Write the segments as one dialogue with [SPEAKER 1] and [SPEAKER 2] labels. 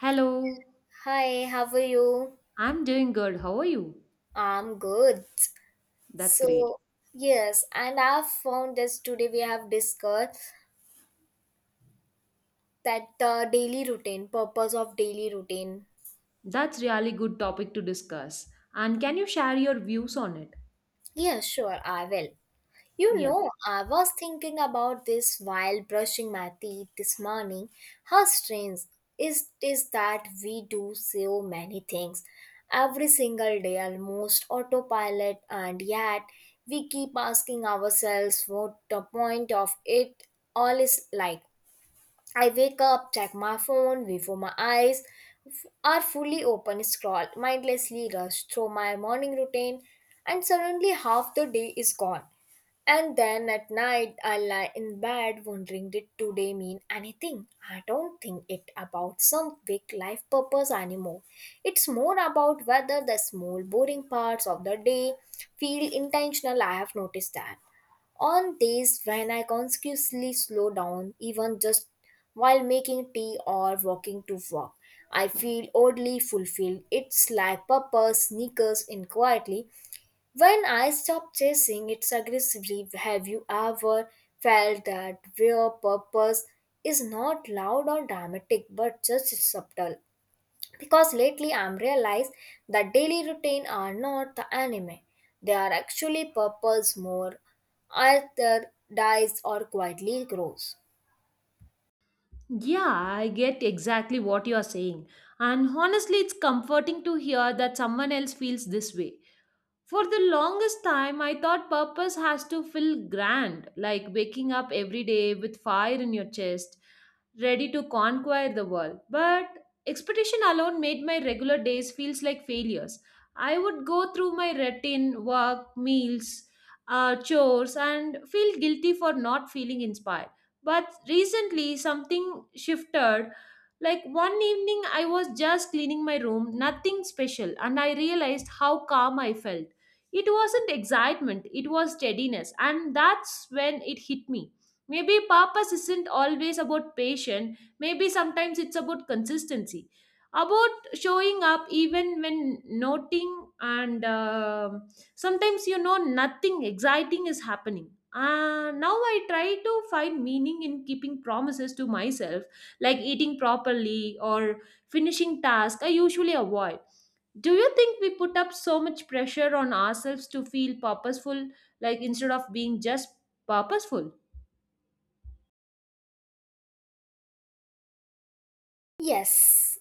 [SPEAKER 1] Hello,
[SPEAKER 2] Hi, how are you?
[SPEAKER 1] I'm doing good. How are you?
[SPEAKER 2] I'm good.
[SPEAKER 1] That's great.
[SPEAKER 2] So, yes, and I've found this today we have discussed that the daily routine, purpose of daily routine.
[SPEAKER 1] That's really good topic to discuss. And can you share your views on it?
[SPEAKER 2] Yeah, sure, I will. You
[SPEAKER 1] Yeah.
[SPEAKER 2] know, I was thinking about this while brushing my teeth this morning. How strange is that we do so many things every single day, almost autopilot, and yet we keep asking ourselves what the point of it all is like. I wake up, check my phone before my eyes are fully open, scroll mindlessly, rush through my morning routine, and suddenly half the day is gone. And then at night, I lie in bed wondering, did today mean anything? I don't think it about some big life purpose anymore. It's more about whether the small boring parts of the day feel intentional. I have noticed that. On days when I consciously slow down, even just while making tea or walking to work, I feel oddly fulfilled. It's like purpose sneakers in quietly when I stop chasing it aggressively. Have you ever felt that, where purpose is not loud or dramatic but just subtle? Because lately I'm realized that daily routine are not the anime, they are actually purples more, either dies or quietly grows.
[SPEAKER 1] Yeah, I get exactly what you are saying. And honestly, it's comforting to hear that someone else feels this way. For the longest time, I thought purpose has to feel grand, like waking up every day with fire in your chest, ready to conquer the world. But expectation alone made my regular days feels like failures. I would go through my routine, work, meals, chores, and feel guilty for not feeling inspired. But recently, something shifted. Like one evening, I was just cleaning my room, nothing special, and I realized how calm I felt. It wasn't excitement, it was steadiness, and that's when it hit me. Maybe purpose isn't always about passion, maybe sometimes it's about consistency, about showing up even when noting, and sometimes nothing exciting is happening. Now I try to find meaning in keeping promises to myself, like eating properly or finishing tasks I usually avoid. Do you think we put up so much pressure on ourselves to feel purposeful, like instead of being just purposeful?
[SPEAKER 2] Yes,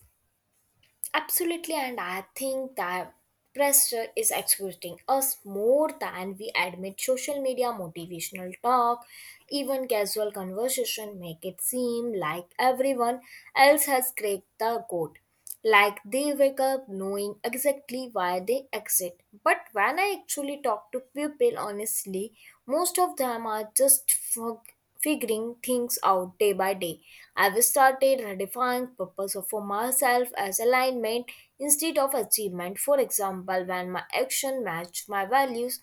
[SPEAKER 2] absolutely, and I think that pressure is exploiting us more than we admit. Social media, motivational talk, even casual conversation make it seem like everyone else has cracked the code. Like they wake up knowing exactly why they exit. But when I actually talk to people honestly, most of them are just fog figuring things out day by day. I've started redefining purpose for myself as alignment instead of achievement. For example, when my action match my values,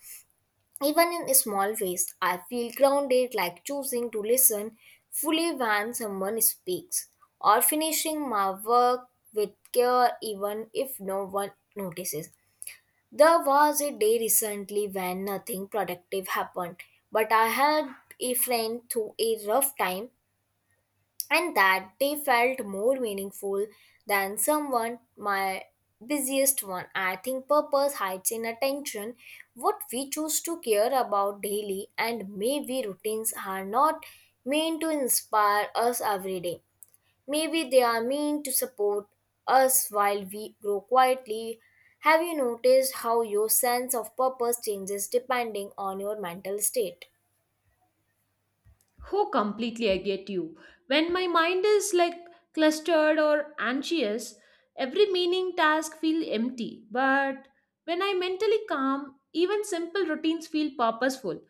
[SPEAKER 2] even in small ways, I feel grounded, like choosing to listen fully when someone speaks or finishing my work with care even if no one notices. There was a day recently when nothing productive happened, but I helped a friend through a rough time, and that day felt more meaningful than someone my busiest one. I think purpose hides in attention, what we choose to care about daily, and maybe routines are not meant to inspire us every day. Maybe they are meant to support us while we grow quietly. Have you noticed how your sense of purpose changes depending on your mental state?
[SPEAKER 1] Who completely, I get you. When my mind is like clustered or anxious, every meaning task feel empty. But when I mentally calm, even simple routines feel purposeful.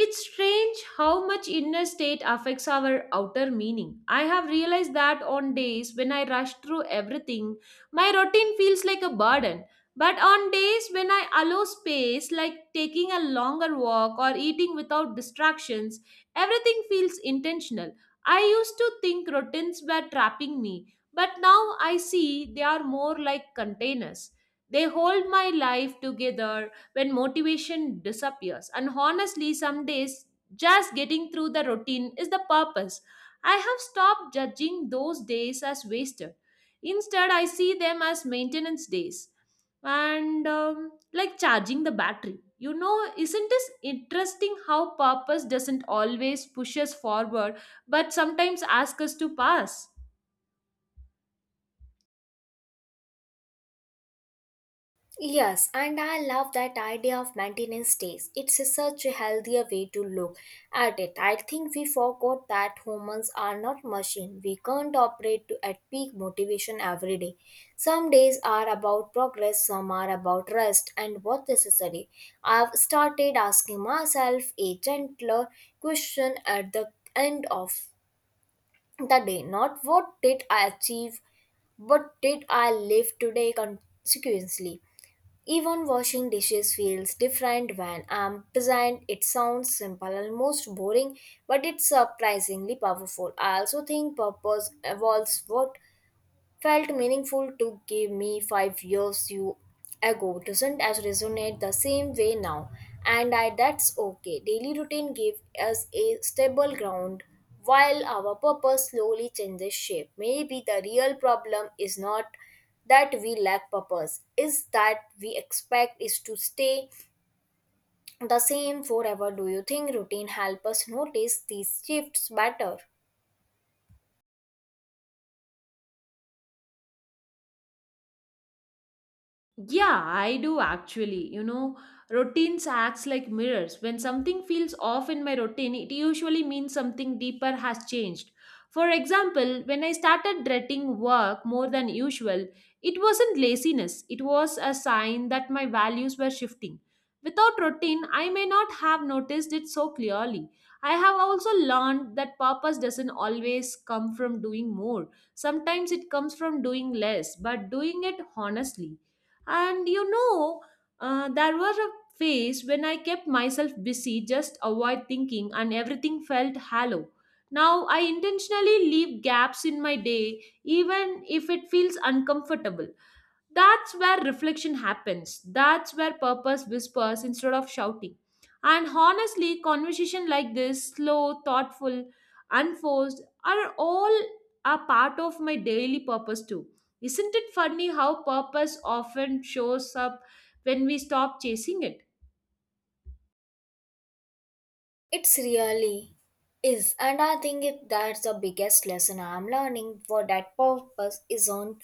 [SPEAKER 1] It's strange how much inner state affects our outer meaning. I have realized that on days when I rush through everything, my routine feels like a burden. But on days when I allow space, like taking a longer walk or eating without distractions, everything feels intentional. I used to think routines were trapping me, but now I see they are more like containers. They hold my life together when motivation disappears. And honestly, some days just getting through the routine is the purpose. I have stopped judging those days as wasted. Instead, I see them as maintenance days and like charging the battery. Isn't this interesting how purpose doesn't always push us forward but sometimes ask us to pass?
[SPEAKER 2] Yes, and I love that idea of maintenance days. It's such a healthier way to look at it. I think we forgot that humans are not machines. We can't operate at peak motivation every day. Some days are about progress, some are about rest and what necessary. I've started asking myself a gentler question at the end of the day, not what did I achieve, but did I live today consequently? Even washing dishes feels different when I'm present. It sounds simple, almost boring, but it's surprisingly powerful. I also think purpose evolves. What felt meaningful to give me 5 years you ago doesn't as resonate the same way now, and I that's okay. Daily routine gives us a stable ground while our purpose slowly changes shape. Maybe the real problem is not that we lack purpose, is that we expect is to stay the same forever. Do you think routine help us notice these shifts better?
[SPEAKER 1] Yeah, I do actually. Routines acts like mirrors. When something feels off in my routine, it usually means something deeper has changed. For example, when I started dreading work more than usual, it wasn't laziness, it was a sign that my values were shifting. Without routine, I may not have noticed it so clearly. I have also learned that purpose doesn't always come from doing more. Sometimes it comes from doing less, but doing it honestly. And there was a phase when I kept myself busy, just avoid thinking, and everything felt hollow. Now I intentionally leave gaps in my day, even if it feels uncomfortable. That's where reflection happens. That's where purpose whispers instead of shouting. And honestly, conversation like this, slow, thoughtful, unforced, are all a part of my daily purpose too. Isn't it funny how purpose often shows up when we stop chasing it?
[SPEAKER 2] It's really is, and I think it, that's the biggest lesson I'm learning for that purpose is on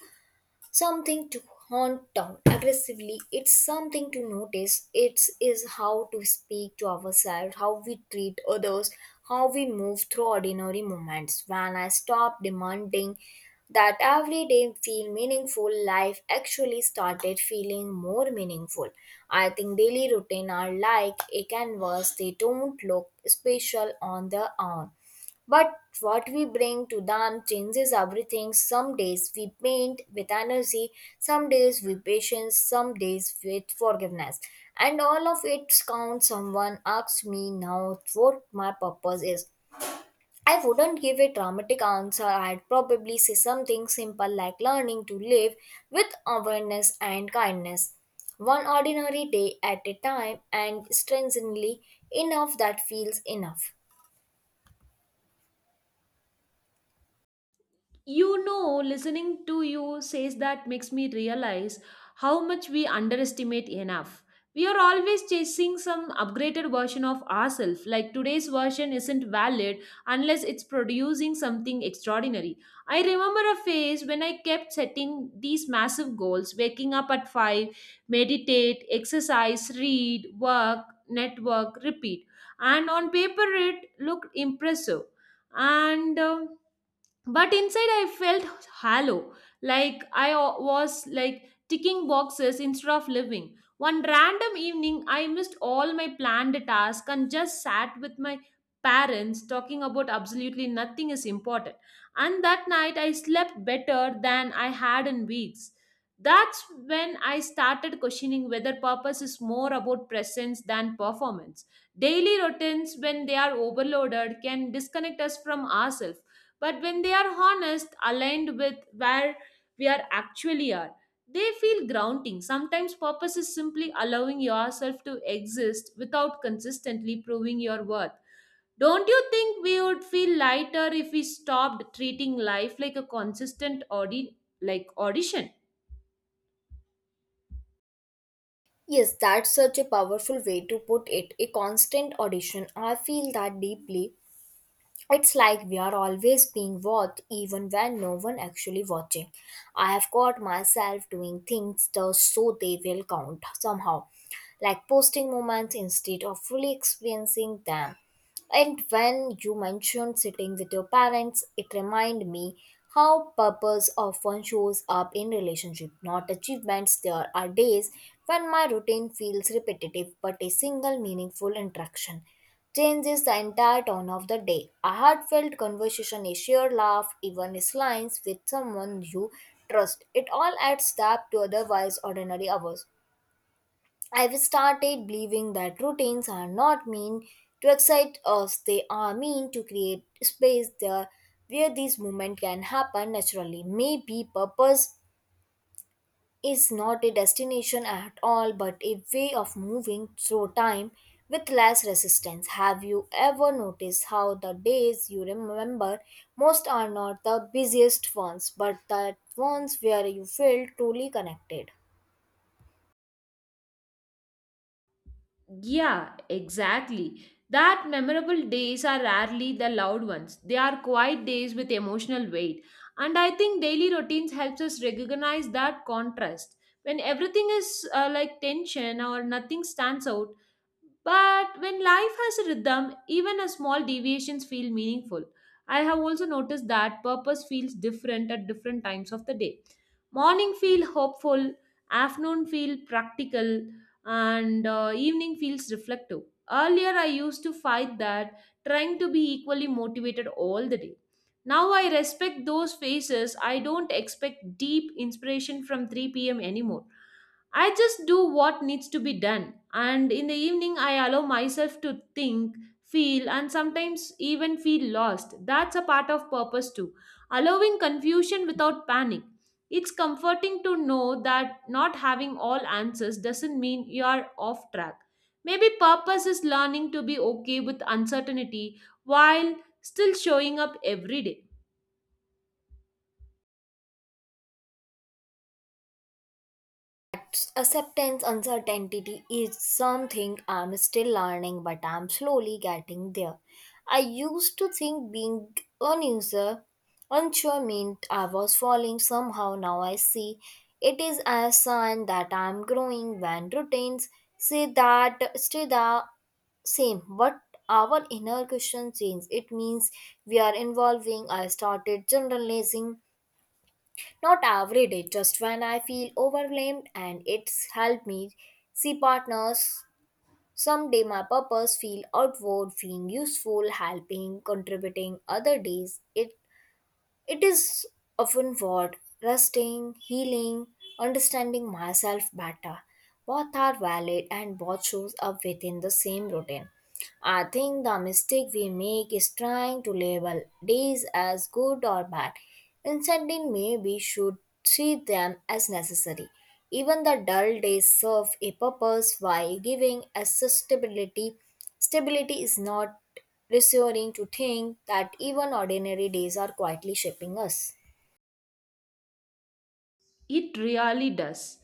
[SPEAKER 2] something to hunt down aggressively, it's something to notice. It is how to speak to ourselves, how we treat others, how we move through ordinary moments. When I stopped demanding that every day feel meaningful, life actually started feeling more meaningful. I think daily routine are like a canvas. They don't look special on their own, but what we bring to them changes everything. Some days we paint with energy, some days with patience, some days with forgiveness. And all of it counts. Someone asks me now what my purpose is. I wouldn't give a dramatic answer. I'd probably say something simple like learning to live with awareness and kindness, one ordinary day at a time, and strengthening enough that feels enough.
[SPEAKER 1] Listening to you says that makes me realize how much we underestimate enough. We are always chasing some upgraded version of ourselves, like today's version isn't valid unless it's producing something extraordinary. I remember a phase when I kept setting these massive goals, waking up at 5, meditate, exercise, read, work, network, repeat. And on paper it looked impressive. And But inside I felt hollow, like was like ticking boxes instead of living. One random evening I missed all my planned tasks and just sat with my parents talking about absolutely nothing is important, and that night I slept better than I had in weeks. That's when I started questioning whether purpose is more about presence than performance. Daily routines, when they are overloaded, can disconnect us from ourselves. But when they are honest, aligned with where we are actually are, they feel grounding. Sometimes purpose is simply allowing yourself to exist without consistently proving your worth. Don't you think we would feel lighter if we stopped treating life like a consistent audition?
[SPEAKER 2] Yes, that's such a powerful way to put it. A constant audition. I feel that deeply. It's like we are always being watched even when no one actually watching. I have caught myself doing things just so they will count somehow. Like posting moments instead of fully experiencing them. And when you mentioned sitting with your parents, it reminded me how purpose often shows up in relationship, not achievements. There are days when my routine feels repetitive, but a single meaningful interaction changes the entire tone of the day. A heartfelt conversation, a sheer laugh, even a slice with someone you trust. It all adds depth to otherwise ordinary hours. I've started believing that routines are not mean to excite us, they are mean to create space there where these movements can happen naturally. Maybe purpose is not a destination at all, but a way of moving through time with less resistance. Have you ever noticed how the days you remember most are not the busiest ones, but the ones where you feel truly connected?
[SPEAKER 1] Yeah, exactly. That memorable days are rarely the loud ones. They are quiet days with emotional weight. And I think daily routines helps us recognize that contrast. When everything is like tension or nothing stands out, but when life has a rhythm, even a small deviations feel meaningful. I have also noticed that purpose feels different at different times of the day. Morning feel hopeful, afternoon feel practical, and evening feels reflective. Earlier, I used to fight that, trying to be equally motivated all the day. Now I respect those phases. I don't expect deep inspiration from 3 p.m. anymore. I just do what needs to be done, and in the evening, I allow myself to think, feel, and sometimes even feel lost. That's a part of purpose, too. Allowing confusion without panic. It's comforting to know that not having all answers doesn't mean you're off track. Maybe purpose is learning to be okay with uncertainty while still showing up every day.
[SPEAKER 2] Accepts, acceptance uncertainty is something I'm still learning, but I'm slowly getting there. I used to think being unuser unsure meant I was falling somehow. Now I see it is a sign that I'm growing. When routines say that stay the same but our inner question change, it means we are evolving. I started generalizing not every day, just when I feel overwhelmed, and it's helped me see partners. Someday my purpose feel outward, being useful, helping, contributing. Other days it is often what resting, healing, understanding myself better. Both are valid and both shows up within the same routine. I think the mistake we make is trying to label days as good or bad. Instead, maybe we should treat them as necessary. Even the dull days serve a purpose while giving us stability. Stability is not reassuring to think that even ordinary days are quietly shaping us.
[SPEAKER 1] It really does.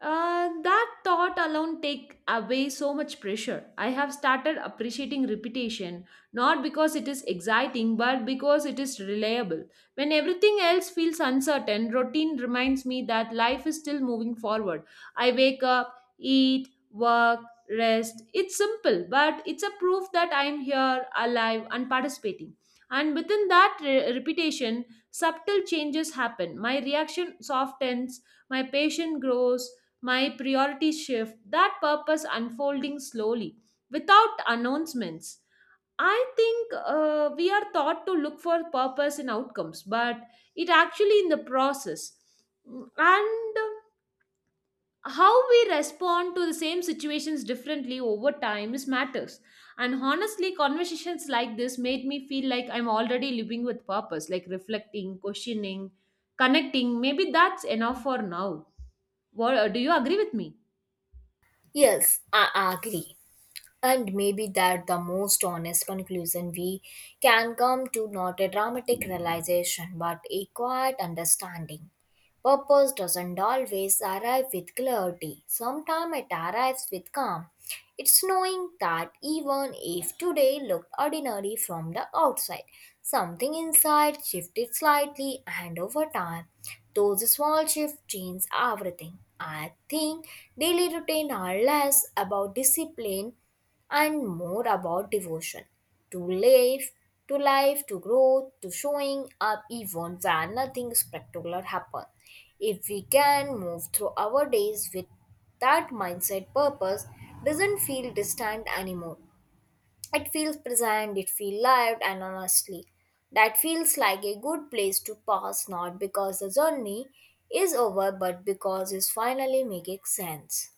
[SPEAKER 1] That thought alone take away so much pressure. I have started appreciating repetition not because it is exciting but because it is reliable. When everything else feels uncertain, routine reminds me that life is still moving forward. I wake up, eat, work, rest. It's simple, but it's a proof that I am here, alive, and participating. And within that repetition, subtle changes happen. My reaction softens, my patience grows, my priorities shift, that purpose unfolding slowly without announcements. I think we are taught to look for purpose in outcomes, but it actually in the process. And how we respond to the same situations differently over time is matters. And honestly, conversations like this made me feel like I'm already living with purpose, like reflecting, questioning, connecting. Maybe that's enough for now. What, do you agree with me?
[SPEAKER 2] Yes, I agree. And maybe that the most honest conclusion we can come to, not a dramatic realization but a quiet understanding. Purpose doesn't always arrive with clarity. Sometimes it arrives with calm. It's knowing that even if today looked ordinary from the outside, something inside shifted slightly and over time. Those small shifts change everything. I think daily routine are less about discipline and more about devotion to life, to life, to growth, to showing up even when nothing spectacular happens. If we can move through our days with that mindset, purpose doesn't feel distant anymore. It feels present, it feels lived, and honestly, that feels like a good place to pass, not because the journey is over but because it's finally making sense.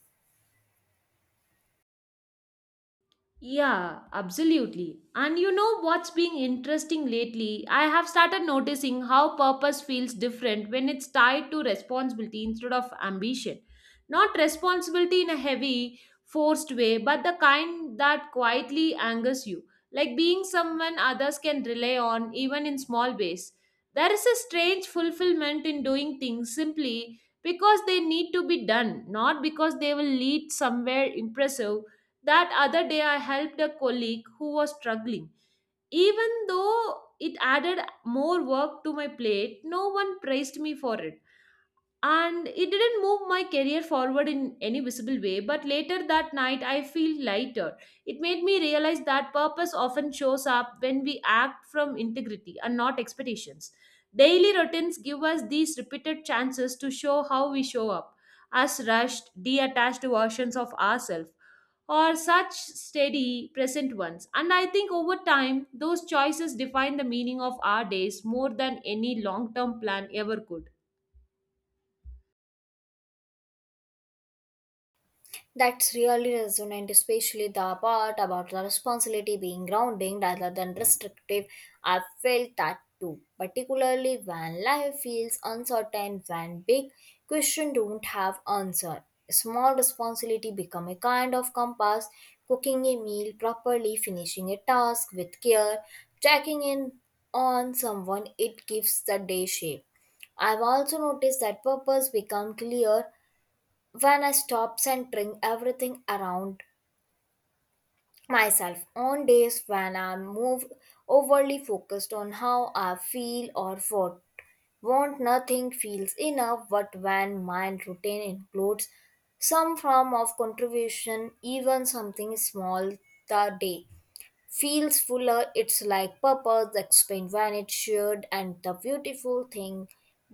[SPEAKER 1] Yeah, absolutely. And you know what's been interesting lately? I have started noticing how purpose feels different when it's tied to responsibility instead of ambition. Not responsibility in a heavy, forced way, but the kind that quietly angers you, like being someone others can rely on even in small ways. There is a strange fulfillment in doing things simply because they need to be done, not because they will lead somewhere impressive. That other day, I helped a colleague who was struggling. Even though it added more work to my plate, no one praised me for it, and it didn't move my career forward in any visible way. But later that night I feel lighter. It made me realize that purpose often shows up when we act from integrity and not expectations. Daily routines give us these repeated chances to show how we show up, as rushed detached versions of ourselves or such steady present ones. And I think over time those choices define the meaning of our days more than any long term plan ever could.
[SPEAKER 2] That's really resonant, especially the part about the responsibility being grounding rather than restrictive. I felt that too, particularly when life feels uncertain, when big questions don't have answer. Small responsibility become a kind of compass, cooking a meal properly, finishing a task with care, checking in on someone, it gives the day shape. I've also noticed that purpose become clear when I stop centering everything around myself. On days when I'm moved overly focused on how I feel or what want, nothing feels enough. But when my routine includes some form of contribution, even something small, the day feels fuller. It's like purpose, explain when it's shared, and the beautiful thing,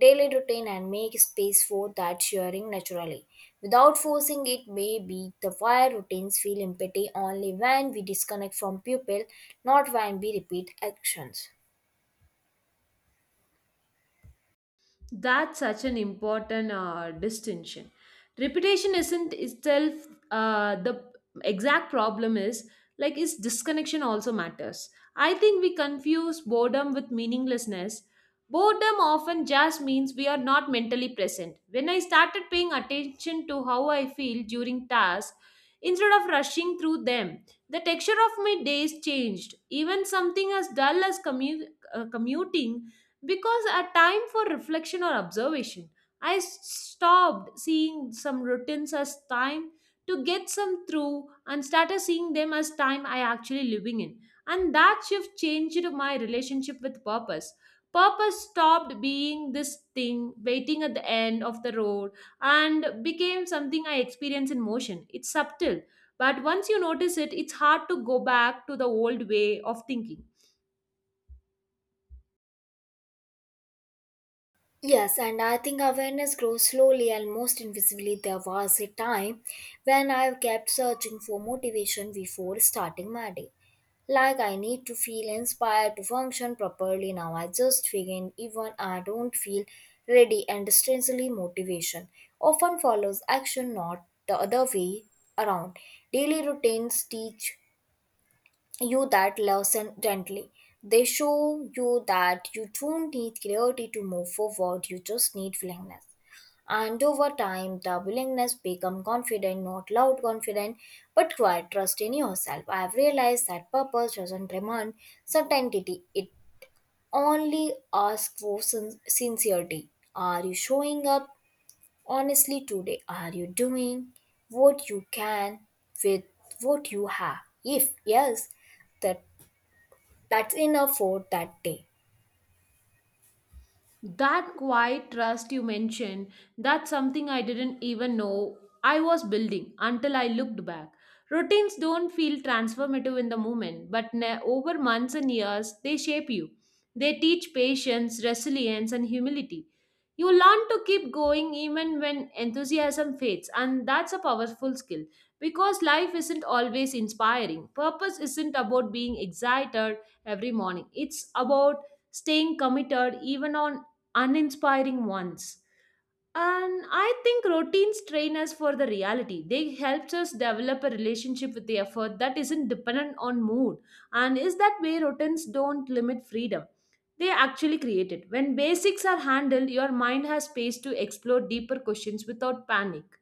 [SPEAKER 2] daily routine and make space for that sharing naturally. Without forcing it, maybe the why routines feel empty only when we disconnect from people, not when we repeat actions.
[SPEAKER 1] That's such an important distinction. Reputation isn't itself the exact problem is like is disconnection also matters. I think we confuse boredom with meaninglessness. Boredom often just means we are not mentally present. When I started paying attention to how I feel during tasks instead of rushing through them, the texture of my days changed. Even something as dull as commuting because a time for reflection or observation. I stopped seeing some routines as time to get some through and started seeing them as time I actually living in. And that shift changed my relationship with purpose. Purpose stopped being this thing waiting at the end of the road and became something I experience in motion. It's subtle, but once you notice it, it's hard to go back to the old way of thinking.
[SPEAKER 2] Yes, and I think awareness grows slowly and most invisibly. There was a time when I kept searching for motivation before starting my day. Like I need to feel inspired to function properly. Now I just begin even I don't feel ready, and strangely motivation often follows action, not the other way around. Daily routines teach you that lesson gently. They show you that you don't need clarity to move forward, you just need willingness. And over time, the willingness become confident, not loud confident, but quiet trust in yourself. I've realized that purpose doesn't demand certainty; it only asks for sincerity. Are you showing up honestly today? Are you doing what you can with what you have? If yes, that that's enough for that day.
[SPEAKER 1] That quiet trust you mentioned, that's something I didn't even know I was building until I looked back. Routines don't feel transformative in the moment, but over months and years, they shape you. They teach patience, resilience, and humility. You learn to keep going even when enthusiasm fades, and that's a powerful skill because life isn't always inspiring. Purpose isn't about being excited every morning, it's about staying committed even on uninspiring ones. And I think routines train us for the reality. They helps us develop a relationship with the effort that isn't dependent on mood. And is that way routines don't limit freedom? They actually create it. When basics are handled, your mind has space to explore deeper questions without panic.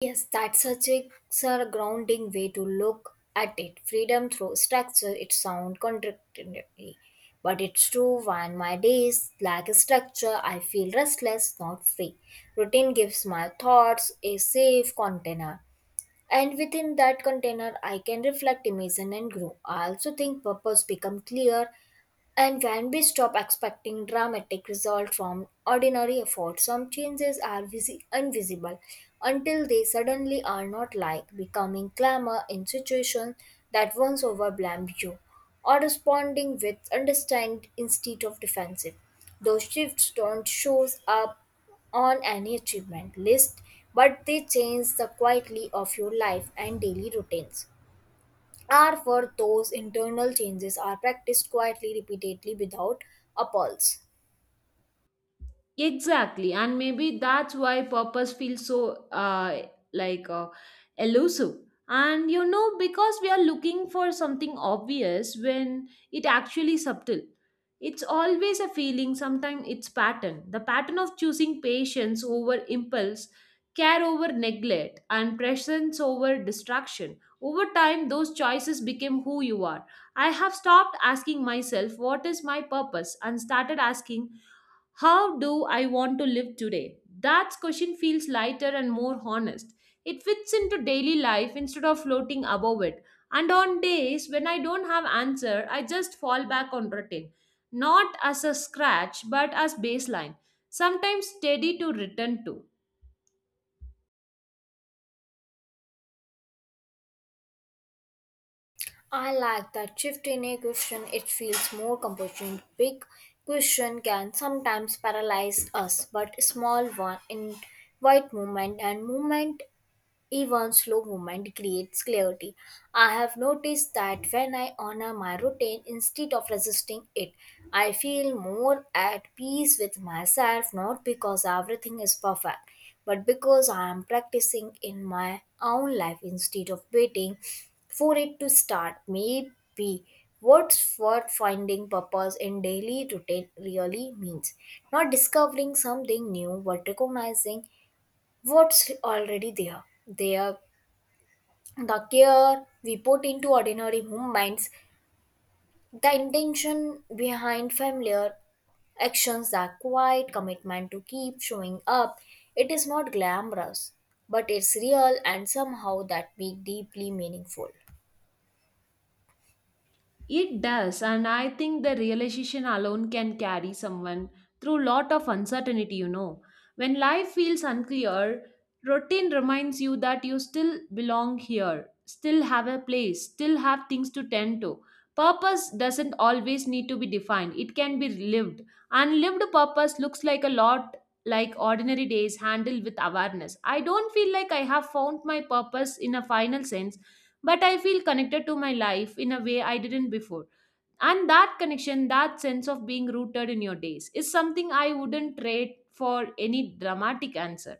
[SPEAKER 2] Yes, that's such a sir, grounding way to look at it. Freedom through structure, it sounds contradictory. But it's true. When my days lack structure, I feel restless, not free. Routine gives my thoughts a safe container. And within that container, I can reflect, imagine, and grow. I also think purpose become clear and when we stop expecting dramatic results from ordinary effort, some changes are invisible until they suddenly are not, like becoming clamor in situations that once overwhelmed you or responding with understand instead of defensive. Those shifts don't show up on any achievement list, but they change the quietly of your life, and daily routines are for those internal changes are practiced quietly, repeatedly, without a pulse.
[SPEAKER 1] Exactly, and maybe that's why purpose feels so like elusive. And because we are looking for something obvious when it actually subtle. It's always a feeling, sometimes it's pattern. The pattern of choosing patience over impulse, care over neglect, and presence over distraction. Over time, those choices became who you are. I have stopped asking myself, what is my purpose? And started asking, how do I want to live today? That question feels lighter and more honest. It fits into daily life instead of floating above it. And on days when I don't have answer, I just fall back on routine, not as a scratch but as baseline, sometimes steady to return to.
[SPEAKER 2] I like that shift in a question, it feels more compassionate. Big question can sometimes paralyze us, but small one in white movement and movement, even slow movement creates clarity. I have noticed that when I honor my routine instead of resisting it, I feel more at peace with myself, not because everything is perfect, but because I am practicing in my own life instead of waiting for it to start. Maybe what's worth finding purpose in daily routine really means not discovering something new but recognizing what's already there. There the care we put into ordinary movements, the intention behind familiar actions, the quiet commitment to keep showing up. It is not glamorous, but it's real, and somehow that be deeply meaningful.
[SPEAKER 1] It does, and I think the realization alone can carry someone through lot of uncertainty, you know. When life feels unclear, routine reminds you that you still belong here, still have a place, still have things to tend to. Purpose doesn't always need to be defined. It can be lived. Unlived purpose looks like a lot like ordinary days handled with awareness. I don't feel like I have found my purpose in a final sense but I feel connected to my life in a way I didn't before. And that connection, that sense of being rooted in your days, is something I wouldn't trade for any dramatic answer.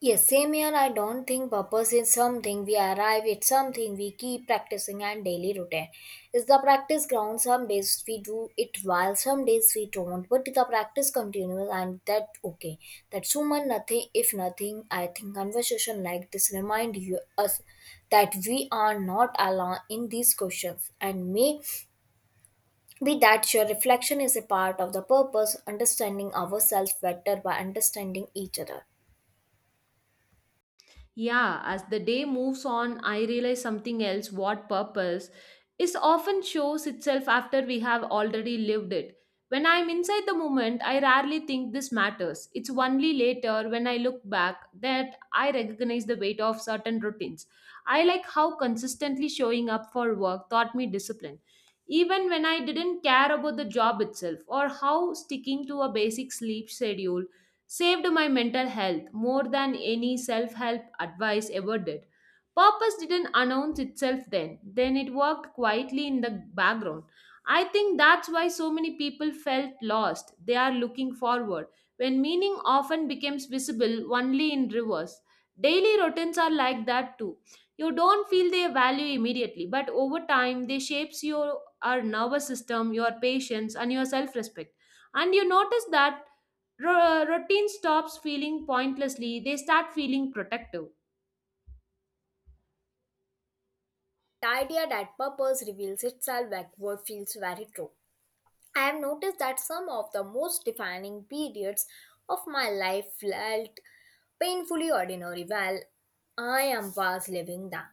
[SPEAKER 2] Yes, same here. I don't think purpose is something we arrive at, something we keep practicing and daily routine. Is the practice ground? Some days we do it while some days we don't, but the practice continues, and that okay. That's human nothing if nothing. I think conversation like this remind you us that we are not alone in these questions, and may be that your reflection is a part of the purpose, understanding ourselves better by understanding each other.
[SPEAKER 1] Yeah, as the day moves on, I realize something else what purpose is often shows itself after we have already lived it. When I'm inside the moment, I rarely think this matters. It's only later when I look back that I recognize the weight of certain routines. I like how consistently showing up for work taught me discipline. Even when I didn't care about the job itself, or how sticking to a basic sleep schedule saved my mental health more than any self help advice ever did. Purpose didn't announce itself then it worked quietly in the background. I think that's why so many people felt lost. They are looking forward, when meaning often becomes visible only in reverse. Daily routines are like that too. You don't feel their value immediately, but over time they shapes your our nervous system, your patience, and your self-respect. And you notice that routine stops feeling pointlessly, they start feeling protective.
[SPEAKER 2] The idea that purpose reveals itself backward feels very true. I have noticed that some of the most defining periods of my life felt painfully ordinary while I am was living them.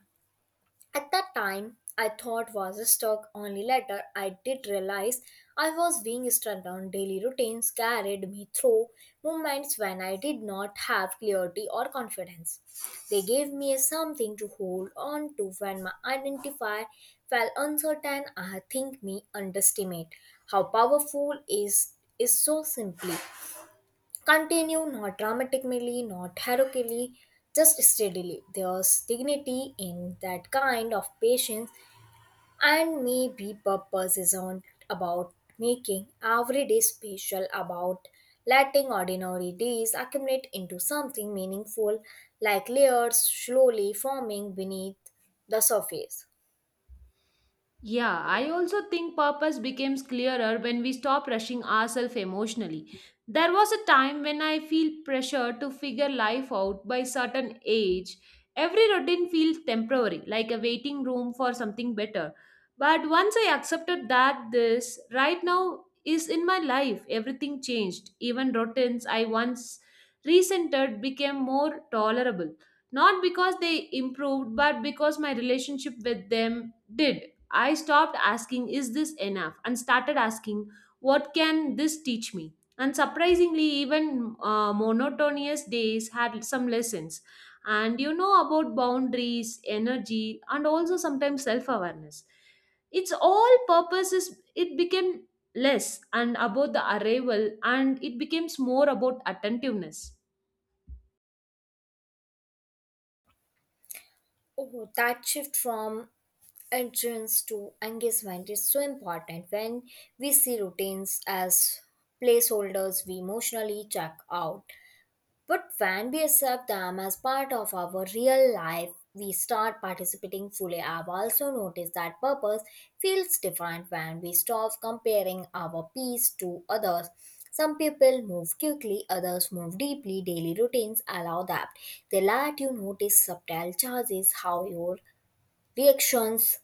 [SPEAKER 2] At that time, I thought was a stock only letter. I did realize I was being struck down. Daily routines carried me through moments when I did not have clarity or confidence. They gave me something to hold on to when my identify felt uncertain. I think me underestimate how powerful is so simply. Continue not dramatically, not heroically, just steadily. There's dignity in that kind of patience, and maybe purpose isn't about making every day special, about letting ordinary days accumulate into something meaningful, like layers slowly forming beneath the surface.
[SPEAKER 1] Yeah, I also think purpose becomes clearer when we stop rushing ourselves emotionally. There was a time when I feel pressure to figure life out by certain age. Every routine feels temporary, like a waiting room for something better. But once I accepted that this right now is in my life, everything changed. Even routines I once resented became more tolerable. Not because they improved, but because my relationship with them did. I stopped asking, is this enough? And started asking, what can this teach me? And surprisingly, even monotonous days had some lessons. And you know about boundaries, energy, and also sometimes self awareness. Its all purposes, it became less and about the arrival, and it becomes more about attentiveness.
[SPEAKER 2] Oh, that shift from entrance to engagement is so important. When we see routines as placeholders, we emotionally check out, but when we accept them as part of our real life, we start participating fully. I've also noticed that purpose feels different when we stop comparing our peace to others. Some people move quickly, others move deeply. Daily routines allow that. They let you notice subtle changes, how your reactions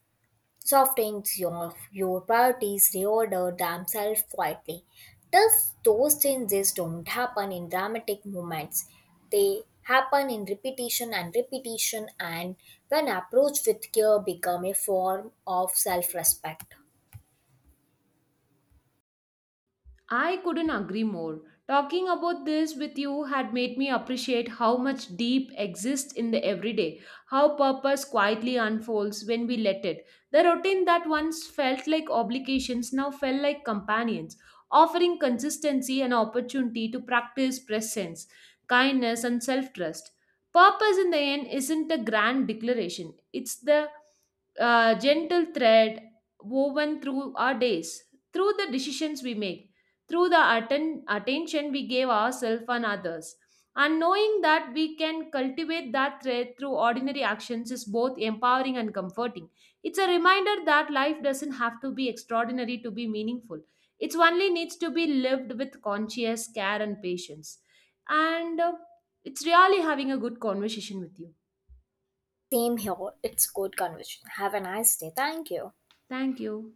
[SPEAKER 2] softens your priorities reorder themselves quietly. Thus, those changes don't happen in dramatic moments. They happen in repetition and repetition, and when approached with care, become a form of self-respect.
[SPEAKER 1] I couldn't agree more. Talking about this with you had made me appreciate how much deep exists in the everyday, how purpose quietly unfolds when we let it. The routine that once felt like obligations now felt like companions, offering consistency and opportunity to practice presence, kindness, and self trust. Purpose in the end isn't a grand declaration, it's the gentle thread woven through our days, through the decisions we make through the attention we gave ourselves and others. And knowing that we can cultivate that thread through ordinary actions is both empowering and comforting. It's a reminder that life doesn't have to be extraordinary to be meaningful. It only needs to be lived with conscious care and patience. And it's really having a good conversation with you.
[SPEAKER 2] Same here. It's good conversation. Have a nice day. Thank you.
[SPEAKER 1] Thank you.